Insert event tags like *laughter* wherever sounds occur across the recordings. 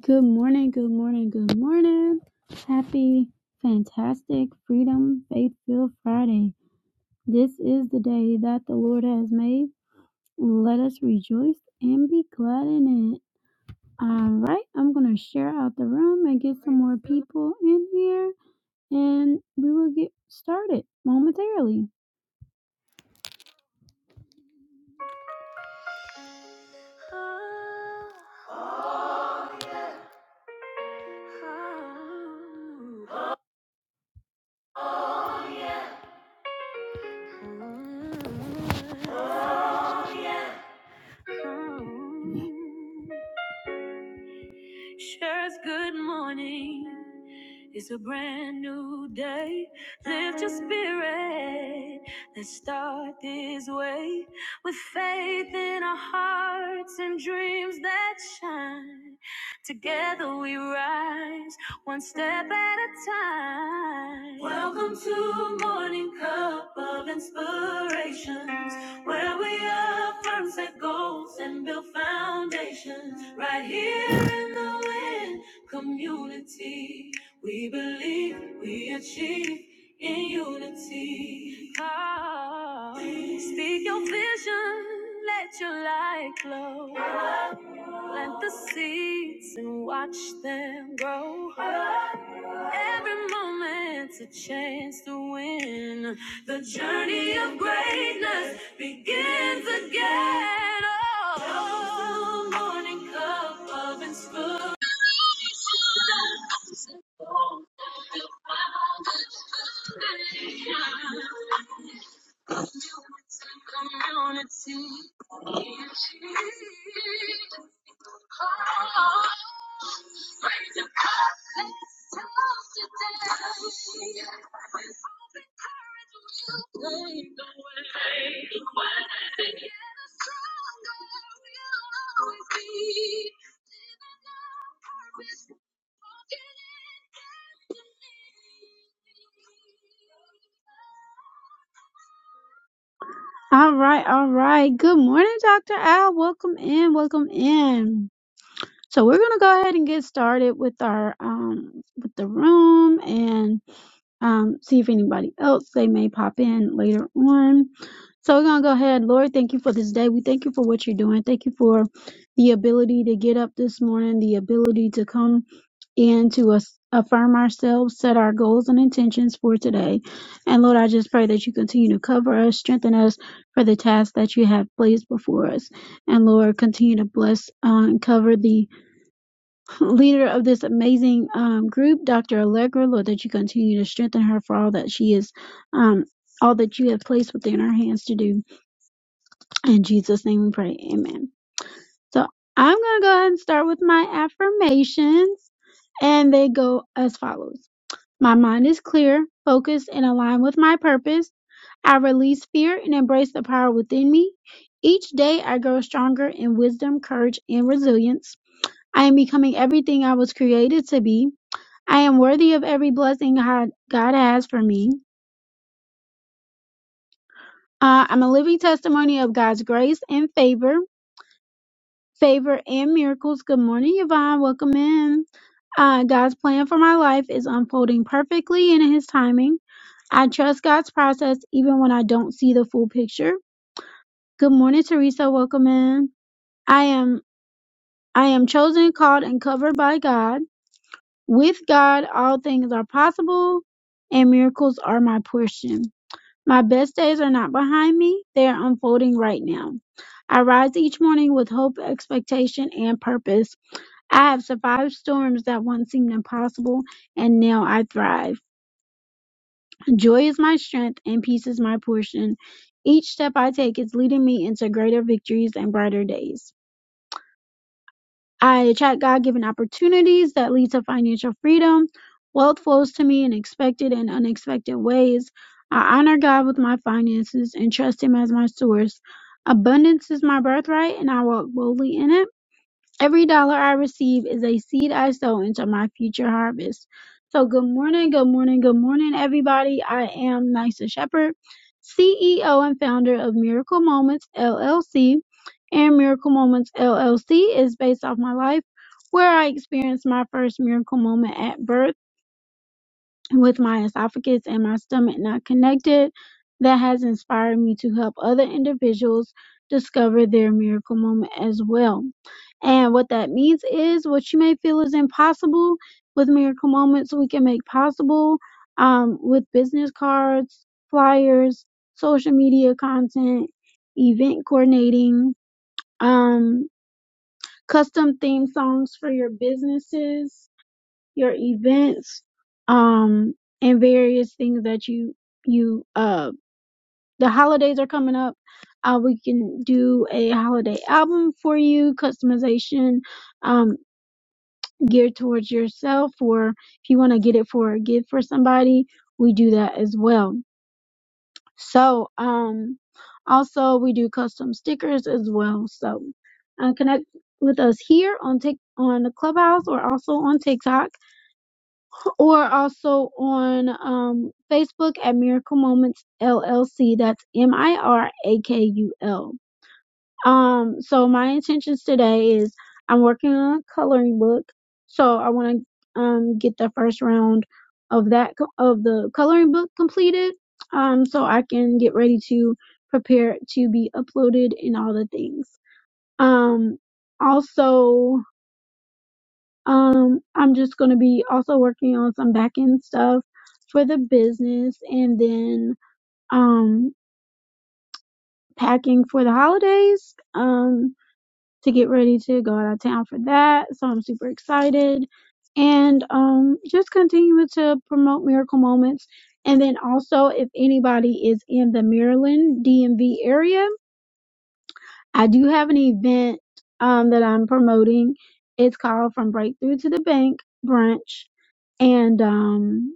Good morning, good morning, good morning. Happy, fantastic, freedom, faith filled Friday. This is the day that the Lord has made. Let us rejoice and be glad in it. All right, I'm going to share out the room and get some more people in here, and we will get started momentarily. Shares good morning. It's a brand new day. Lift your spirit. All right, all right. Good morning, Dr. Al. Welcome in, welcome in. So we're gonna go ahead and get started with our um with the room and um see if anybody else they may pop in later on. So we're going to go ahead. Lord, thank you for this day. We thank you for what you're doing. Thank you for the ability to get up this morning, the ability to come and to us affirm ourselves, set our goals and intentions for today. And Lord, I just pray that you continue to cover us, strengthen us for the task that you have placed before us. And Lord, continue to bless uh, and cover the *laughs* leader of this amazing um, group, Dr. Allegra. Lord, that you continue to strengthen her for all that she is, um, all that you have placed within her hands to do. In Jesus' name we pray. Amen. So I'm going to go ahead and start with my affirmations, and they go as follows My mind is clear, focused, and aligned with my purpose. I release fear and embrace the power within me. Each day I grow stronger in wisdom, courage, and resilience. I am becoming everything I was created to be. I am worthy of every blessing God God has for me. Uh, I'm a living testimony of God's grace and favor. favor and miracles. Good morning, Yvonne. Welcome in. Uh, God's plan for my life is unfolding perfectly in His timing. I trust God's process even when I don't see the full picture. Good morning, Teresa. Welcome in. I am I am chosen, called, and covered by God. With God, all things are possible, and miracles are my portion. My best days are not behind me; they are unfolding right now. I rise each morning with hope, expectation, and purpose. I have survived storms that once seemed impossible, and now I thrive. Joy is my strength, and peace is my portion. Each step I take is leading me into greater victories and brighter days. I attract God given opportunities that lead to financial freedom. Wealth flows to me in expected and unexpected ways. I honor God with my finances and trust Him as my source. Abundance is my birthright, and I walk boldly in it. Every dollar I receive is a seed I sow into my future harvest. So, good morning, good morning, good morning, everybody. I am Nysa Shepherd, CEO and founder of Miracle Moments LLC. And Miracle Moments LLC is based off my life where I experienced my first miracle moment at birth with my esophagus and my stomach not connected that has inspired me to help other individuals discover their miracle moment as well. And what that means is what you may feel is impossible with miracle moments we can make possible um, with business cards, flyers, social media content, event coordinating, um, custom theme songs for your businesses, your events um and various things that you you uh the holidays are coming up uh we can do a holiday album for you customization um geared towards yourself or if you want to get it for a gift for somebody we do that as well so um also we do custom stickers as well so uh, connect with us here on Tik on the clubhouse or also on tiktok or also on um, Facebook at Miracle Moments LLC. That's M I R A K U L. Um, so my intentions today is I'm working on a coloring book, so I want to um get the first round of that co- of the coloring book completed, um, so I can get ready to prepare it to be uploaded and all the things. Um, also um, I'm just going to be also working on some back end stuff for the business and then um, packing for the holidays um, to get ready to go out of town for that. So I'm super excited. And um, just continuing to promote Miracle Moments. And then also, if anybody is in the Maryland DMV area, I do have an event um, that I'm promoting. It's called From Breakthrough to the Bank Brunch, and um,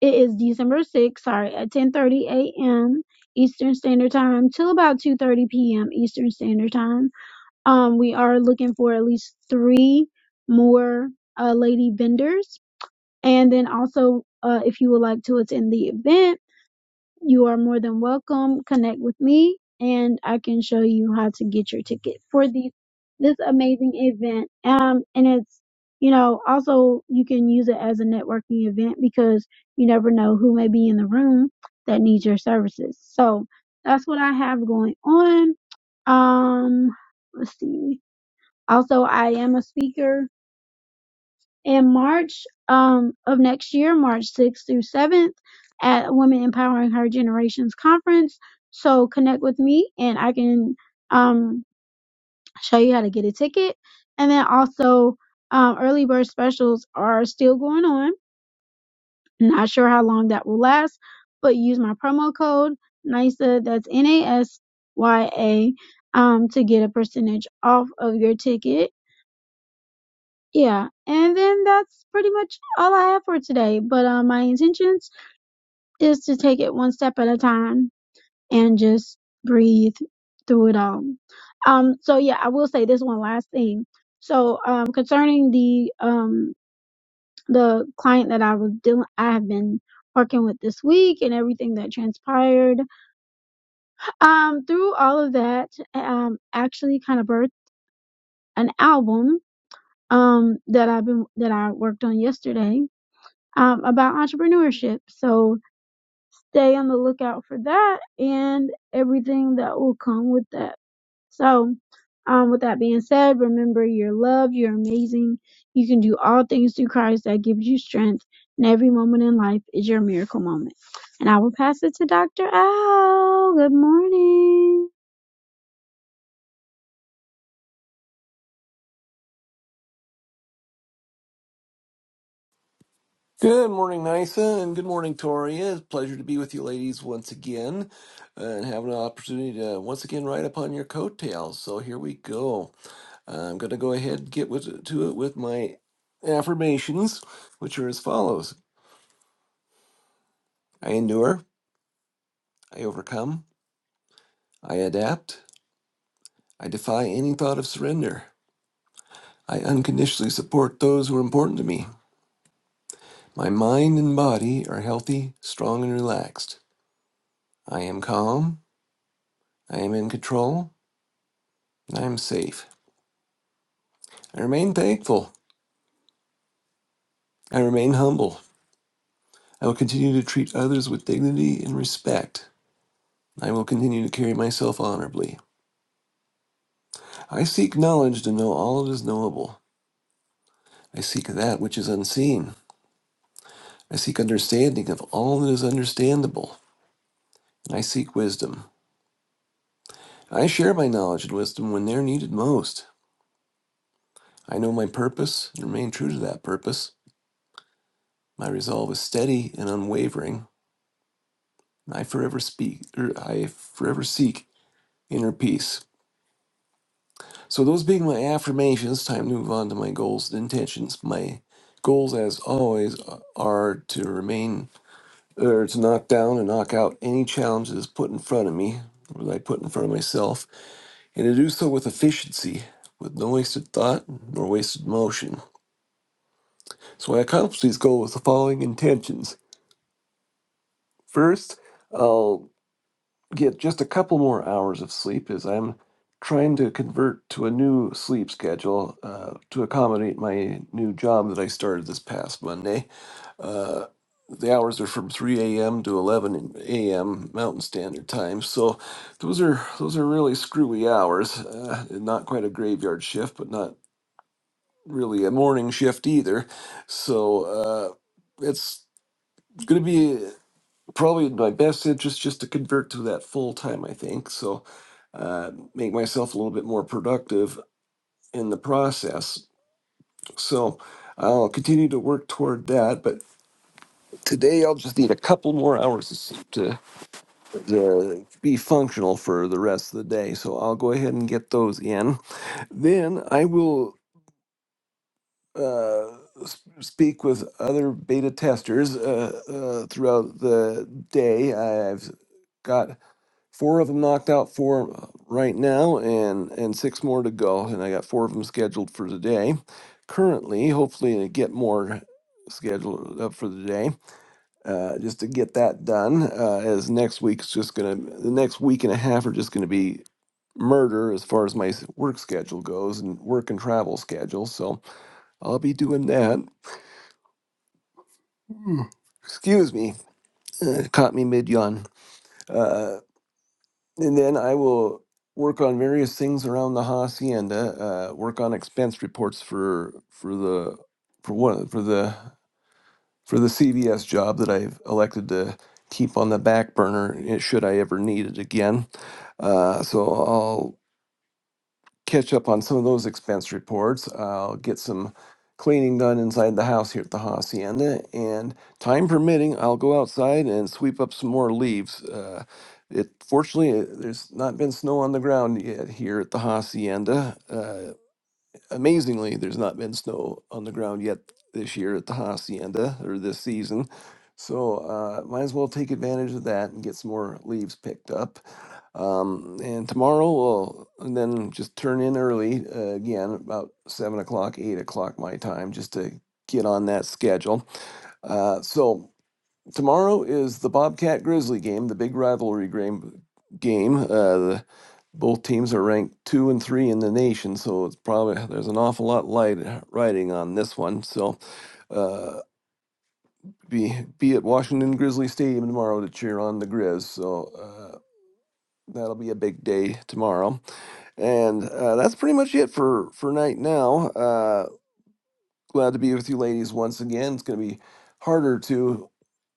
it is December 6th, sorry, at 10:30 a.m. Eastern Standard Time till about 2:30 p.m. Eastern Standard Time. Um, we are looking for at least three more uh, lady vendors, and then also uh, if you would like to attend the event You are more than welcome. Connect with me and I can show you how to get your ticket for these this amazing event. Um and it's you know, also you can use it as a networking event because you never know who may be in the room that needs your services. So that's what I have going on. Um let's see. Also I am a speaker in March um, of next year, March 6th through 7th, at Women Empowering Her Generations Conference. So connect with me and I can um, show you how to get a ticket. And then also, um, early bird specials are still going on. Not sure how long that will last, but use my promo code NISA, that's N A S Y A, um, to get a percentage off of your ticket Yeah, and then that's pretty much all I have for today. But uh, my intentions is to take it one step at a time and just breathe through it all. Um, so yeah, I will say this one last thing. So um, concerning the um the client that I was dealing, I have been working with this week and everything that transpired. Um, through all of that, um, actually kind of birthed an album um that I've been that I worked on yesterday um, about entrepreneurship. So stay on the lookout for that and everything that will come with that. So, um, with that being said, remember you're loved, you're amazing, you can do all things through Christ that gives you strength, and every moment in life is your miracle moment. And I will pass it to Dr. Al. Good morning. Good morning, Nisa, and good morning, Tori. It's a pleasure to be with you ladies once again uh, and have an opportunity to once again ride upon your coattails. So here we go. I'm going to go ahead and get with, to it with my affirmations, which are as follows I endure, I overcome, I adapt, I defy any thought of surrender, I unconditionally support those who are important to me. My mind and body are healthy, strong, and relaxed. I am calm, I am in control, and I am safe. I remain thankful. I remain humble. I will continue to treat others with dignity and respect. I will continue to carry myself honorably. I seek knowledge to know all that is knowable. I seek that which is unseen. I seek understanding of all that is understandable. And I seek wisdom. I share my knowledge and wisdom when they're needed most. I know my purpose and remain true to that purpose. My resolve is steady and unwavering. I forever speak, or I forever seek inner peace. So those being my affirmations, time to move on to my goals and intentions. My goals, as always, uh, are to remain or to knock down and knock out any challenge that is put in front of me, or that I put in front of myself, and to do so with efficiency, with no wasted thought nor wasted motion. So I accomplish these goals with the following intentions. First, i I'll. get just a couple more hours of sleep as I'm trying to convert to a new sleep schedule uh, to accommodate my new job that I started this past Monday. Uh, the hours are from 3 a.m. to 11 a.m. Mountain Standard Time, so those are those are really screwy hours. Uh, not quite a graveyard shift, but not really a morning shift either. So uh, it's going to be probably in my best interest just to convert to that full time, I think. So, uh, make myself a little bit more productive in the process. So, I'll continue to work toward that. But today, I'll just need a couple more hours to, s- to, to be functional for the rest of the day. So, I'll go ahead and get those in. Then, I will. Uh, s- speak with other beta testers uh, uh, throughout the day. I've got four of them knocked out for uh, right now and and six more to go and i got four of them scheduled for today currently hopefully i get more scheduled up for the day uh, just to get that done uh, as next week's just gonna the next week and a half are just gonna be murder as far as my s- work schedule goes and work and travel schedule so i'll be doing that Mm. excuse me Uh, caught me mid yawn And then I will work on various things around the hacienda, uh, work on expense reports for, for the, for one, for the, for the CVS job that I've elected to keep on the back burner eh, should I ever need it again. Uh, so I'll catch up on some of those expense reports. I'll get some cleaning done inside the house here at the hacienda, and time permitting, I'll go outside and sweep up some more leaves. Uh, it fortunately uh, there's not been snow on the ground yet here at the hacienda. Uh, amazingly, there's not been snow on the ground yet this year at the hacienda or this season. So uh, might as well take advantage of that and get some more leaves picked up. Um, and tomorrow we'll then just turn in early uh, again, about seven o'clock, eight o'clock my time, just to get on that schedule. Uh, so tomorrow is the Bobcat Grizzly game, the big rivalry game. Game. Uh, the, both teams are ranked two and three in the nation, so it's probably there's an awful lot light riding on this one. So uh, be be at Washington Grizzly Stadium tomorrow to cheer on the Grizz. So uh, that'll be a big day tomorrow. And uh, that's pretty much it for for night now. Uh, glad to be with you, ladies, once again. It's going to be harder to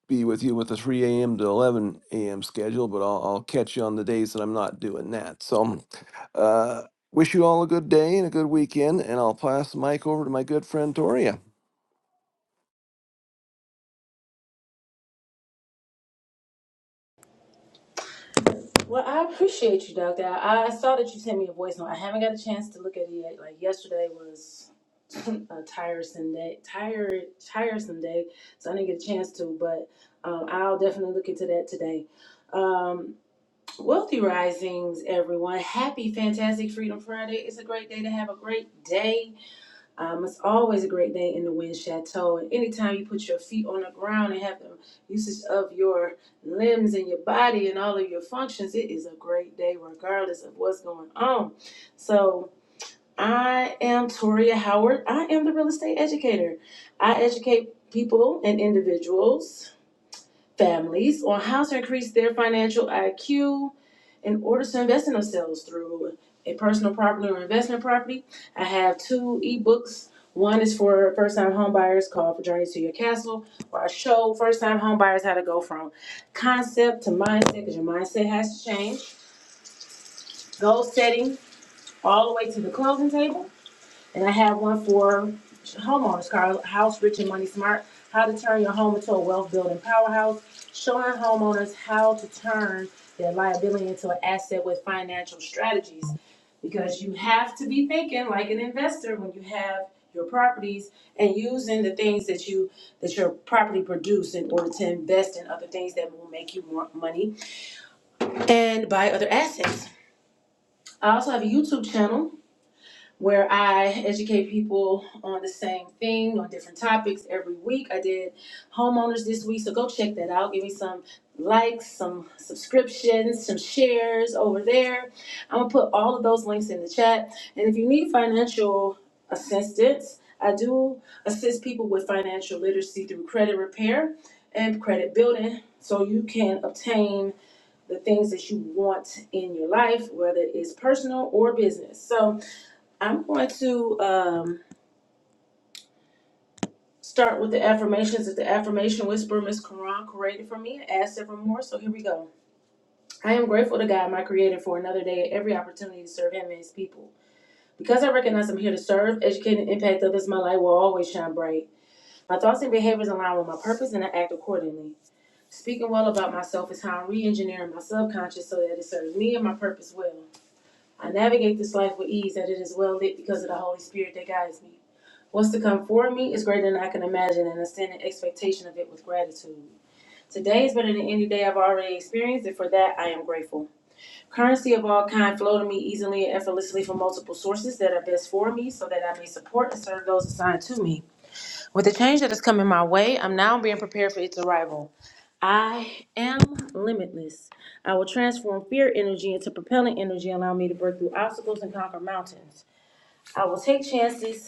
be with you with the 3 a.m. to 11 a.m. schedule, but I'll, I'll catch you on the days that I'm not doing that. So, uh, wish you all a good day and a good weekend. And I'll pass the mic over to my good friend Toria. Well, I appreciate you, Doctor. I, I saw that you sent me a voice note. I haven't got a chance to look at it yet. Like yesterday was *clears throat* a tiresome day, tired, tiresome day, so I didn't get a chance to. But um, I'll definitely look into that today. Um, wealthy risings, everyone. Happy, fantastic Freedom Friday. It's a great day to have a great day um, it's always a great day in the wind chateau. And anytime you put your feet on the ground and have the usage of your limbs and your body and all of your functions, it is a great day regardless of what's going on. So I am Toria Howard. I am the real estate educator. I educate people and individuals, families on how to increase their financial IQ in order to invest in themselves through a personal property or investment property. I have two ebooks. One is for first time homebuyers called For Journey to Your Castle, where I show first time homebuyers how to go from concept to mindset because your mindset has to change, goal setting, all the way to the closing table. And I have one for homeowners, Carl, House Rich and Money Smart, how to turn your home into a wealth building powerhouse, showing homeowners how to turn their liability into an asset with financial strategies. Because you have to be thinking like an investor when you have your properties and using the things that you, that your property produce in order to invest in other things that will make you more money and buy other assets. I also have a YouTube channel where I educate people on the same thing, on different topics every week. I did homeowners this week, so go check that out. Give me some likes, some subscriptions, some shares over there. I'm gonna put all of those links in the chat. And if you need financial assistance, I do assist people with financial literacy through credit repair and credit building so you can obtain the things that you want in your life, whether it's personal or business. So, I'm going to um, start with the affirmations that the affirmation whisperer, Miss Quran, created for me and add several more. So here we go. I am grateful to God, my creator, for another day and every opportunity to serve him and his people. Because I recognize I'm here to serve, educate, and impact others, my light will always shine bright. My thoughts and behaviors align with my purpose and I act accordingly. Speaking well about myself is how I'm re engineering my subconscious so that it serves me and my purpose well. I navigate this life with ease, that it is well lit because of the Holy Spirit that guides me. What's to come for me is greater than I can imagine, and I stand in expectation of it with gratitude. Today is better than any day I've already experienced, and for that I am grateful. Currency of all kind flow to me easily and effortlessly from multiple sources that are best for me, so that I may support and serve those assigned to me. With the change that is coming my way, I'm now being prepared for its arrival. I am limitless. I will transform fear energy into propelling energy, allowing me to break through obstacles and conquer mountains. I will take chances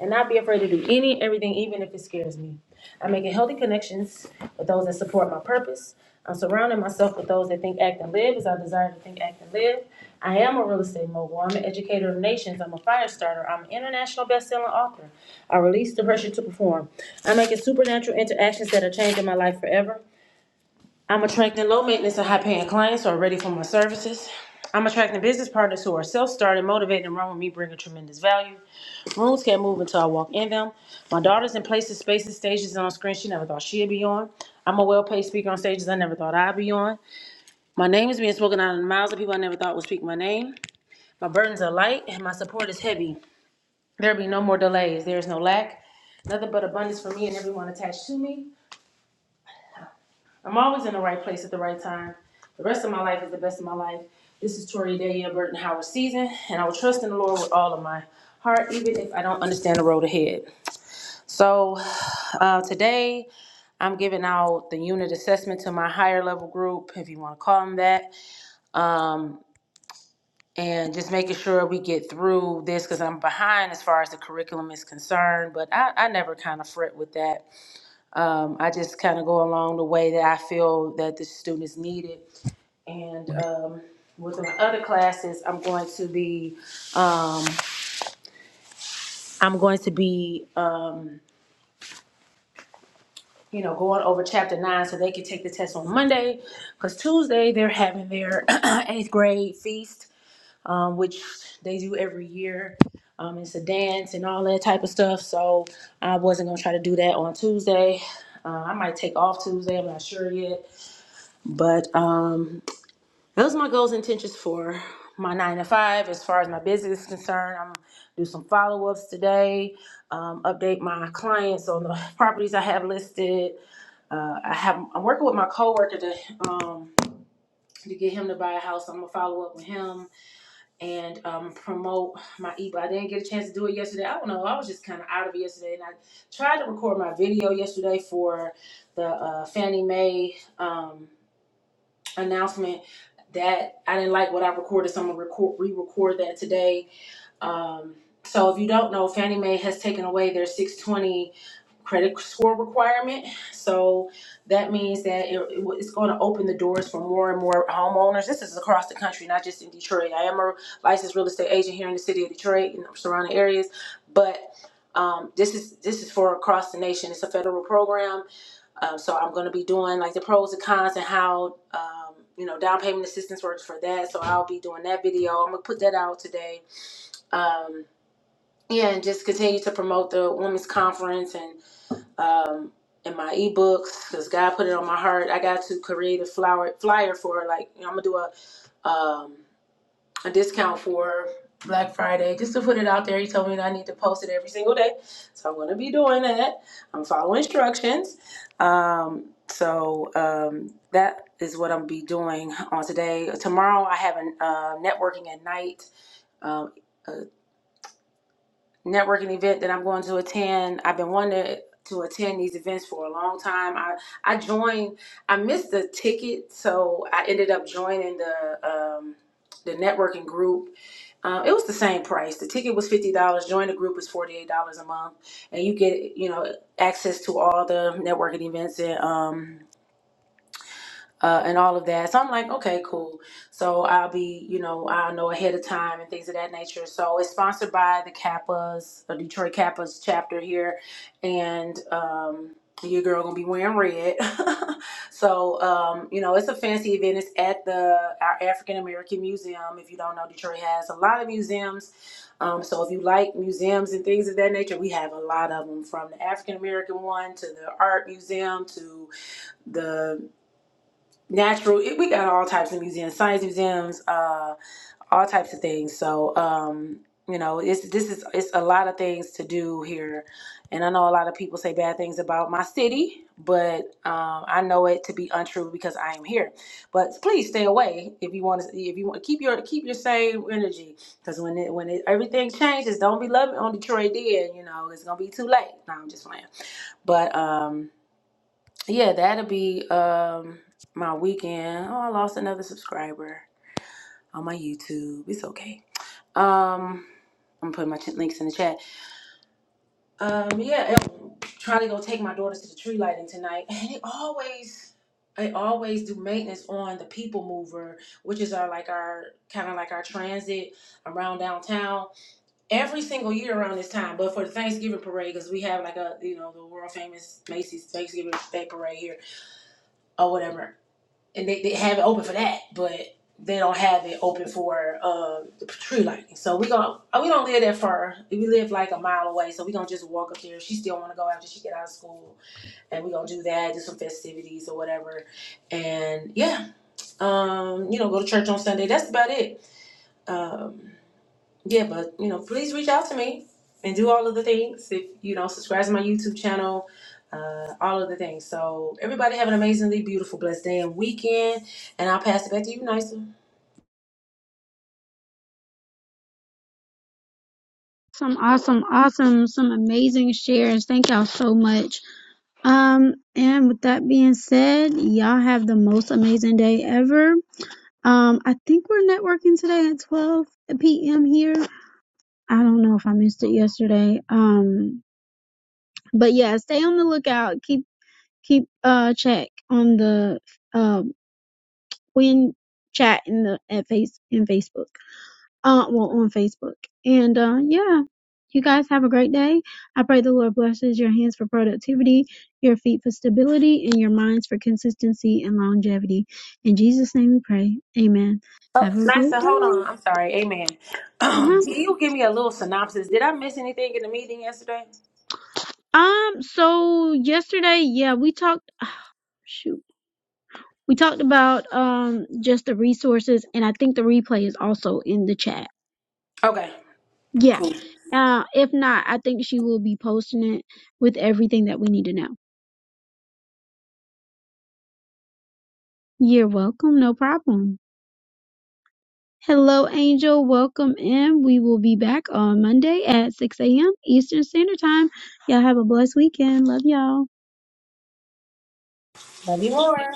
and not be afraid to do any and everything, even if it scares me. I'm making healthy connections with those that support my purpose. I'm surrounding myself with those that think, act, and live as I desire to think, act, and live. I am a real estate mogul. I'm an educator of nations. I'm a fire starter. I'm an international best-selling author. I release the pressure to perform. I'm making supernatural interactions that are changing my life forever. I'm attracting low maintenance and high paying clients who are ready for my services. I'm attracting business partners who are self started, motivated, and run with me, bringing tremendous value. Rooms can't move until I walk in them. My daughter's in places, spaces, stages, and on screen she never thought she'd be on. I'm a well paid speaker on stages I never thought I'd be on. My name is being spoken out of the mouths of people I never thought would speak my name. My burdens are light and my support is heavy. There be no more delays. There is no lack. Nothing but abundance for me and everyone attached to me. I'm always in the right place at the right time. The rest of my life is the best of my life. This is Tori Daya Burton Howard season, and I will trust in the Lord with all of my heart, even if I don't understand the road ahead. So uh, today, I'm giving out the unit assessment to my higher level group, if you want to call them that, um, and just making sure we get through this because I'm behind as far as the curriculum is concerned. But I, I never kind of fret with that. Um, I just kind of go along the way that I feel that the students need it, and. Um, with my other classes, I'm going to be, I'm going to be you know, going over chapter nine so they can take the test on Monday. Because Tuesday they're having their *clears throat* eighth grade feast, um, which they do every year. Um, it's a dance and all that type of stuff. So I wasn't gonna try to do that on Tuesday. Uh, I might take off Tuesday. I'm not sure yet. But um, those are my goals and intentions for my nine to five. As far as my business is concerned, I'm do some follow ups today. Um, update my clients on the properties I have listed uh, I have I'm working with my coworker to um to get him to buy a house. I'm gonna follow up with him and um promote my ebook. I didn't get a chance to do it yesterday. I don't know. I was just kind of out of it yesterday, and I tried to record my video yesterday for the uh, Fannie Mae um announcement. That I didn't like what I recorded, so I'm gonna record re-record that today. Um, so if you don't know, Fannie Mae has taken away their 620 credit score requirement. So that means that it, it- it's going to open the doors for more and more homeowners. This is across the country, not just in Detroit. I am a licensed real estate agent here in the city of Detroit and surrounding areas, but um, this is this is for across the nation. It's a federal program, um, so I'm going to be doing like the pros and cons and how. Um, you know, down payment assistance works for that. So I'll be doing that video. I'm gonna put that out today. Um, yeah, and just continue to promote the women's conference and um, in my ebooks because God put it on my heart. I got to create a flower flyer for like you know, I'm gonna do a um, a discount for Black Friday just to put it out there. He told me that I need to post it every single day, so I'm gonna be doing that. I'm following instructions. Um, so um, that is what I'm be doing on today. Tomorrow I have a uh, networking at night. Um, networking event that I'm going to attend. I've been wanting to attend these events for a long time. I I joined. I missed the ticket, so I ended up joining the um, the networking group. Uh, it was the same price. The ticket was fifty dollars. Join the group is forty eight dollars a month, and you get you know access to all the networking events and um, uh, and all of that. So I'm like, okay, cool. So I'll be, you know, I'll know ahead of time and things of that nature. So it's sponsored by the Kappas, the Detroit Kappas chapter here, and um, your girl gonna be wearing red. *laughs* so um, you know, it's a fancy event. It's at the our African American Museum. If you don't know, Detroit has a lot of museums. Um, so if you like museums and things of that nature, we have a lot of them, from the African American one to the art museum to the natural it, we got all types of museums science museums uh all types of things so um you know it's this is it's a lot of things to do here and i know a lot of people say bad things about my city but um i know it to be untrue because i am here but please stay away if you want to if you want keep your keep your same energy because when it when it, everything changes don't be loving on detroit then you know it's gonna be too late no i'm just playing but um yeah, that'll be um my weekend. Oh, I lost another subscriber on my YouTube. It's okay. Um, I'm putting my ch- links in the chat. Um, yeah, I'm trying to go take my daughters to the tree lighting tonight, *laughs* and it always. They always do maintenance on the people mover, which is our like our kind of like our transit around downtown every single year around this time. But for the Thanksgiving parade, because we have like a you know the world famous Macy's Thanksgiving Day parade here, or whatever. and they, they have it open for that, but they don't have it open for um, the tree lighting. So we gonna we don't live that far. We live like a mile away, so we gonna just walk up there. She still wanna go after she get out of school, and we gonna do that, do some festivities or whatever, and yeah, um, you know, go to church on Sunday. That's about it. Um, yeah, but you know, please reach out to me and do all of the things. If you know, subscribe to my YouTube channel, uh, all of the things. So everybody have an amazingly beautiful, blessed day and weekend. And I'll pass it back to you, Nisa. Some awesome, awesome, some amazing shares. Thank y'all so much. Um, and with that being said, y'all have the most amazing day ever Um, I think we're networking today at 12 p.m. here. I don't know if I missed it yesterday. Um, but yeah, stay on the lookout. Keep keep uh check on the um when chat in the at face in Facebook. Uh, well on Facebook. And uh, yeah, you guys have a great day. I pray the Lord blesses your hands for productivity, your feet for stability, and your minds for consistency and longevity. In Jesus' name we pray. Amen. Oh, Have a great Nisa, day. hold on. I'm sorry. Amen. *clears throat* Um, Bye. can you give me a little synopsis? Did I miss anything in the meeting yesterday? Um, so yesterday, yeah, we talked, shoot, we talked about um just the resources, and I think the replay is also in the chat. Okay, Yeah. cool. Uh, if not, I think she will be posting it with everything that we need to know. You're welcome, no problem. Hello, Angel. Welcome in. We will be back on Monday at 6 a.m. Eastern Standard Time. Y'all have a blessed weekend. Love y'all. Love you more.